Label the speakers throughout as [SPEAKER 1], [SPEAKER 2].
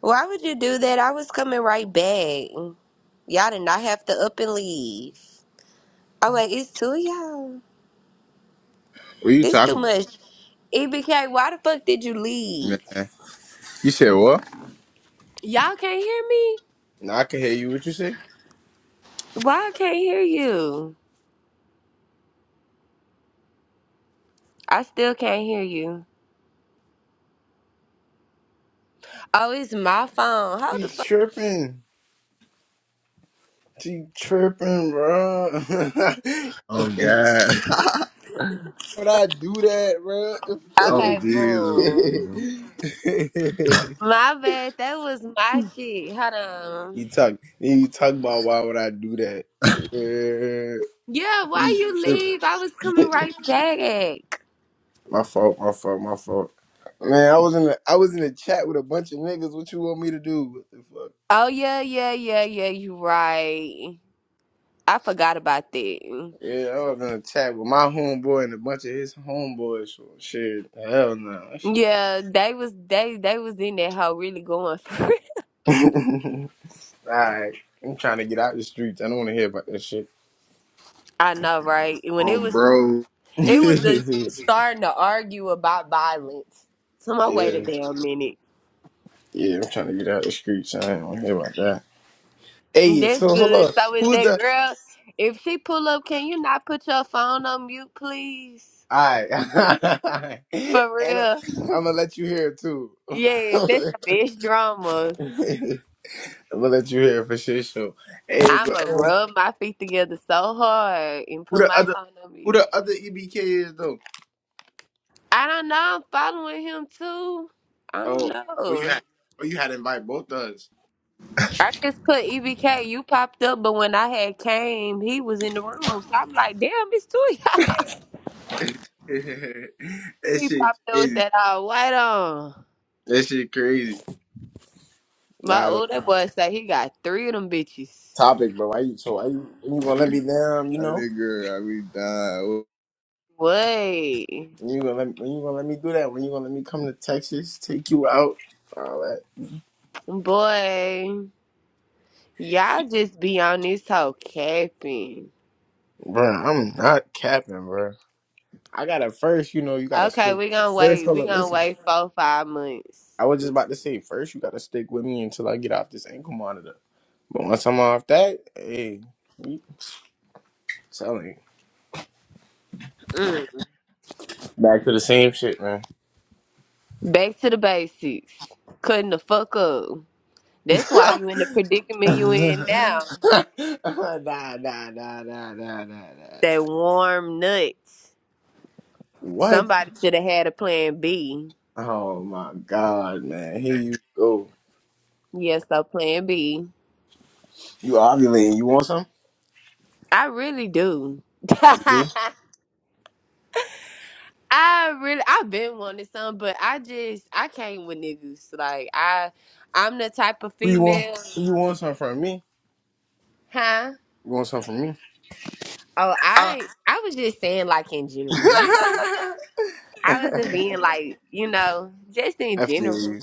[SPEAKER 1] Why would you do that? I was coming right back. Y'all did not have to up and leave. Oh wait, it's two of y'all.
[SPEAKER 2] What you
[SPEAKER 1] This
[SPEAKER 2] talking
[SPEAKER 1] too
[SPEAKER 2] about?
[SPEAKER 1] much. EBK, why the fuck did you leave?
[SPEAKER 2] Nah. You said what?
[SPEAKER 1] Y'all can't hear me?
[SPEAKER 2] Nah, I can hear you. What you say?
[SPEAKER 1] Why I can't hear you? I still can't hear you. Oh, it's my phone. Hold the
[SPEAKER 2] She's
[SPEAKER 1] fuck.
[SPEAKER 2] tripping. She tripping, bro.
[SPEAKER 3] Oh God.
[SPEAKER 2] Would I do that, bro?
[SPEAKER 3] Oh
[SPEAKER 1] Okay,
[SPEAKER 3] Jesus.
[SPEAKER 1] boom.
[SPEAKER 3] man.
[SPEAKER 1] My bad. That was my shit. Hold on.
[SPEAKER 2] you talk. Then you talk about why would I do that? Uh,
[SPEAKER 1] Yeah, why
[SPEAKER 2] you
[SPEAKER 1] you
[SPEAKER 2] tripping.
[SPEAKER 1] leave? I was coming right back.
[SPEAKER 2] My fault. My fault. My fault. Man, I was in the I was in the chat with a bunch of niggas. What you want me to do? What the fuck?
[SPEAKER 1] Oh yeah, yeah, yeah, yeah. You right. I forgot about that.
[SPEAKER 2] Yeah, I was in a chat with my homeboy and a bunch of his homeboys. So shit, hell no. That shit-
[SPEAKER 1] Yeah, they was they they was in that hoe really going for it.
[SPEAKER 2] Alright, I'm trying to get out the streets. I don't want to hear about that shit.
[SPEAKER 1] I know, right? When it
[SPEAKER 3] Oh
[SPEAKER 1] was
[SPEAKER 3] bro.
[SPEAKER 1] it was just starting to argue about violence. So I wait a
[SPEAKER 2] yeah,
[SPEAKER 1] damn minute.
[SPEAKER 2] yeah, I'm trying to get out the streets. I don't want to hear about that. Hey,
[SPEAKER 1] That's
[SPEAKER 2] so hold
[SPEAKER 1] good.
[SPEAKER 2] on.
[SPEAKER 1] So is
[SPEAKER 2] Who's
[SPEAKER 1] that
[SPEAKER 2] the?
[SPEAKER 1] girl? If she pull up, can you not put your phone on mute, please?
[SPEAKER 2] Alright,
[SPEAKER 1] For
[SPEAKER 2] and I'm,
[SPEAKER 1] real.
[SPEAKER 2] I'm gonna let you hear it too.
[SPEAKER 1] Yes, that's the best drama.
[SPEAKER 2] I'm gonna let you hear it for shit. So, hey,
[SPEAKER 1] I'ma
[SPEAKER 2] but um,
[SPEAKER 1] rub my feet together so hard and
[SPEAKER 2] who
[SPEAKER 1] put
[SPEAKER 2] the
[SPEAKER 1] my
[SPEAKER 2] other?
[SPEAKER 1] phone on mute.
[SPEAKER 2] Who the other EBK is though?
[SPEAKER 1] I don't know. I'm following him too. I don't
[SPEAKER 2] Oh, oh, you
[SPEAKER 1] know.
[SPEAKER 2] had, oh, you had to invite both of us.
[SPEAKER 1] I just put EBK. You popped up, but when I had came, he was in the room. So I'm like, damn, it's two of y'all.
[SPEAKER 2] that
[SPEAKER 1] He
[SPEAKER 2] shit
[SPEAKER 1] popped up with
[SPEAKER 2] crazy.
[SPEAKER 1] that all white on.
[SPEAKER 2] That shit crazy.
[SPEAKER 1] My
[SPEAKER 2] Nah, the
[SPEAKER 1] older boy say he got three of them bitches.
[SPEAKER 2] topic, bro. Why you so? Why you, when you gonna let me down? You
[SPEAKER 3] That
[SPEAKER 2] know,
[SPEAKER 3] nigga, I be dying.
[SPEAKER 1] Boy,
[SPEAKER 2] when you gonna let, when you gonna let me do that? When you gonna let me come to Texas, take you out, all that,
[SPEAKER 1] boy, y'all just be on this whole capping.
[SPEAKER 2] bro? I'm not capping, bro. I gotta first, you know, you gotta
[SPEAKER 1] Okay,
[SPEAKER 2] stick.
[SPEAKER 1] we gonna
[SPEAKER 2] First,
[SPEAKER 1] wait.
[SPEAKER 2] hold
[SPEAKER 1] We
[SPEAKER 2] up,
[SPEAKER 1] gonna
[SPEAKER 2] listen.
[SPEAKER 1] wait four, five months.
[SPEAKER 2] I was just about to say, first you gotta stick with me until I get off this ankle monitor. But once I'm off that, hey, you telling you.
[SPEAKER 1] Mm.
[SPEAKER 2] back to the same shit, man.
[SPEAKER 1] Back to the basics. Cutting the fuck up. That's why
[SPEAKER 2] nah,
[SPEAKER 1] you in the predicament you in now.
[SPEAKER 2] nah, nah, nah, nah, nah, nah,
[SPEAKER 1] That
[SPEAKER 2] nah.
[SPEAKER 1] warm nuts.
[SPEAKER 2] What?
[SPEAKER 1] Somebody should have had a plan B.
[SPEAKER 2] Oh my god, man. Here you go.
[SPEAKER 1] Yes, a plan B.
[SPEAKER 2] You ovulating. You want some?
[SPEAKER 1] I really do.
[SPEAKER 2] You do?
[SPEAKER 1] I really I've been wanting some, but I just I came with niggas. Like I I'm the type of
[SPEAKER 2] Who you want?
[SPEAKER 1] female
[SPEAKER 2] Who you want some from me?
[SPEAKER 1] huh?
[SPEAKER 2] You want some from me?
[SPEAKER 1] Oh,
[SPEAKER 2] Uh.
[SPEAKER 1] I I was just saying like in general, you know. I wasn't being like, you know, just in
[SPEAKER 2] I feel
[SPEAKER 1] general.
[SPEAKER 2] you.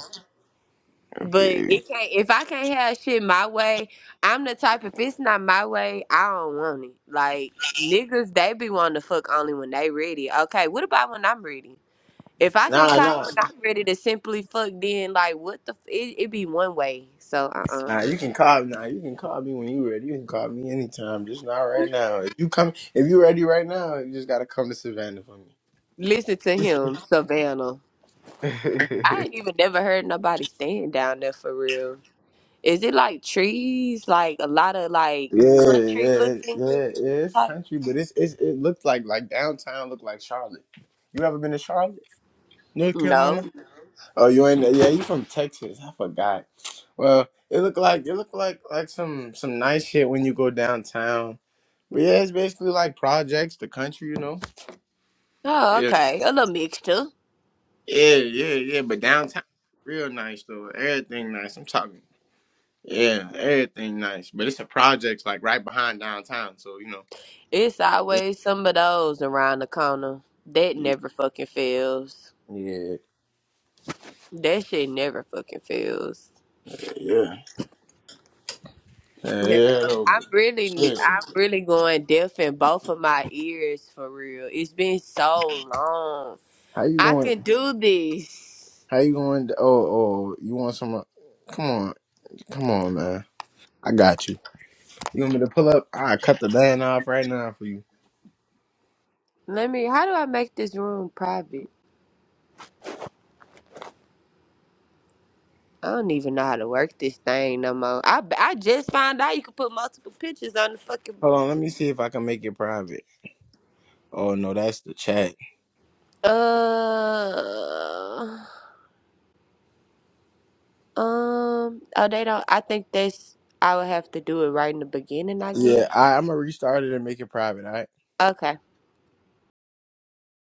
[SPEAKER 2] I feel
[SPEAKER 1] But
[SPEAKER 2] you.
[SPEAKER 1] it can't if I can't have shit my way, I'm the type if it's not my way, I don't want it. Like niggas they be wanting to fuck only when they ready. Okay, what about when I'm ready? If I can't
[SPEAKER 2] Nah,
[SPEAKER 1] call you
[SPEAKER 2] nah.
[SPEAKER 1] when I'm ready to simply fuck, then like what the f- it, it be one way. So uh uh
[SPEAKER 2] Nah, you can call nah, you can call me when you ready. You can call me anytime, just not right now. If you come if you ready right now, you just gotta come to Savannah for
[SPEAKER 1] Listen to him, Savannah.
[SPEAKER 2] me.
[SPEAKER 1] I ain't even never heard nobody stand down there for real. Is it like trees, like a lot of like
[SPEAKER 2] Yeah,
[SPEAKER 1] country
[SPEAKER 2] yeah,
[SPEAKER 1] looking
[SPEAKER 2] yeah, yeah. It's
[SPEAKER 1] type?
[SPEAKER 2] country, but it's, it's it looks like like downtown look like Charlotte. You ever been to Charlotte, North Carolina?
[SPEAKER 1] No.
[SPEAKER 2] Oh, you ain't. Yeah, you from Texas? I forgot. Well, it look like it look like like some some nice shit when you go downtown. But yeah, it's basically like projects, the country, you know.
[SPEAKER 1] Oh,
[SPEAKER 2] Yeah,
[SPEAKER 1] okay. A little mixture.
[SPEAKER 2] yeah, yeah, yeah. But downtown, real nice though. Everything nice. I'm talking. Yeah, everything nice. But it's a project like right behind downtown, so you know.
[SPEAKER 1] It's always some of those around the corner. That
[SPEAKER 2] Yeah,
[SPEAKER 1] never fucking fails.
[SPEAKER 2] yeah.
[SPEAKER 1] That shit never fucking fails.
[SPEAKER 2] Yeah. Yeah,
[SPEAKER 1] Damn,
[SPEAKER 2] yeah, though. But
[SPEAKER 1] I'm really,
[SPEAKER 2] shit.
[SPEAKER 1] I'm really going deaf in both of my ears for real. It's been so long.
[SPEAKER 2] How you
[SPEAKER 1] I
[SPEAKER 2] going?
[SPEAKER 1] can do this.
[SPEAKER 2] How you going? To, Oh, oh, you want some? uh, Come on, come on, man. I got you. You want me to pull up? I cut the band off right now for you.
[SPEAKER 1] Let me. How do I make this room private? I don't even know how to work this thing no more. I I just found out you can put multiple pictures on the fucking.
[SPEAKER 2] Hold on, let me see if I can make it private. Oh no, that's the chat.
[SPEAKER 1] Uh. Um, oh, they don't. I think that's. I would have to do it right in the beginning, I
[SPEAKER 2] Yeah,
[SPEAKER 1] guess.
[SPEAKER 2] I, I'm gonna restart it and make it private. All right.
[SPEAKER 1] Okay.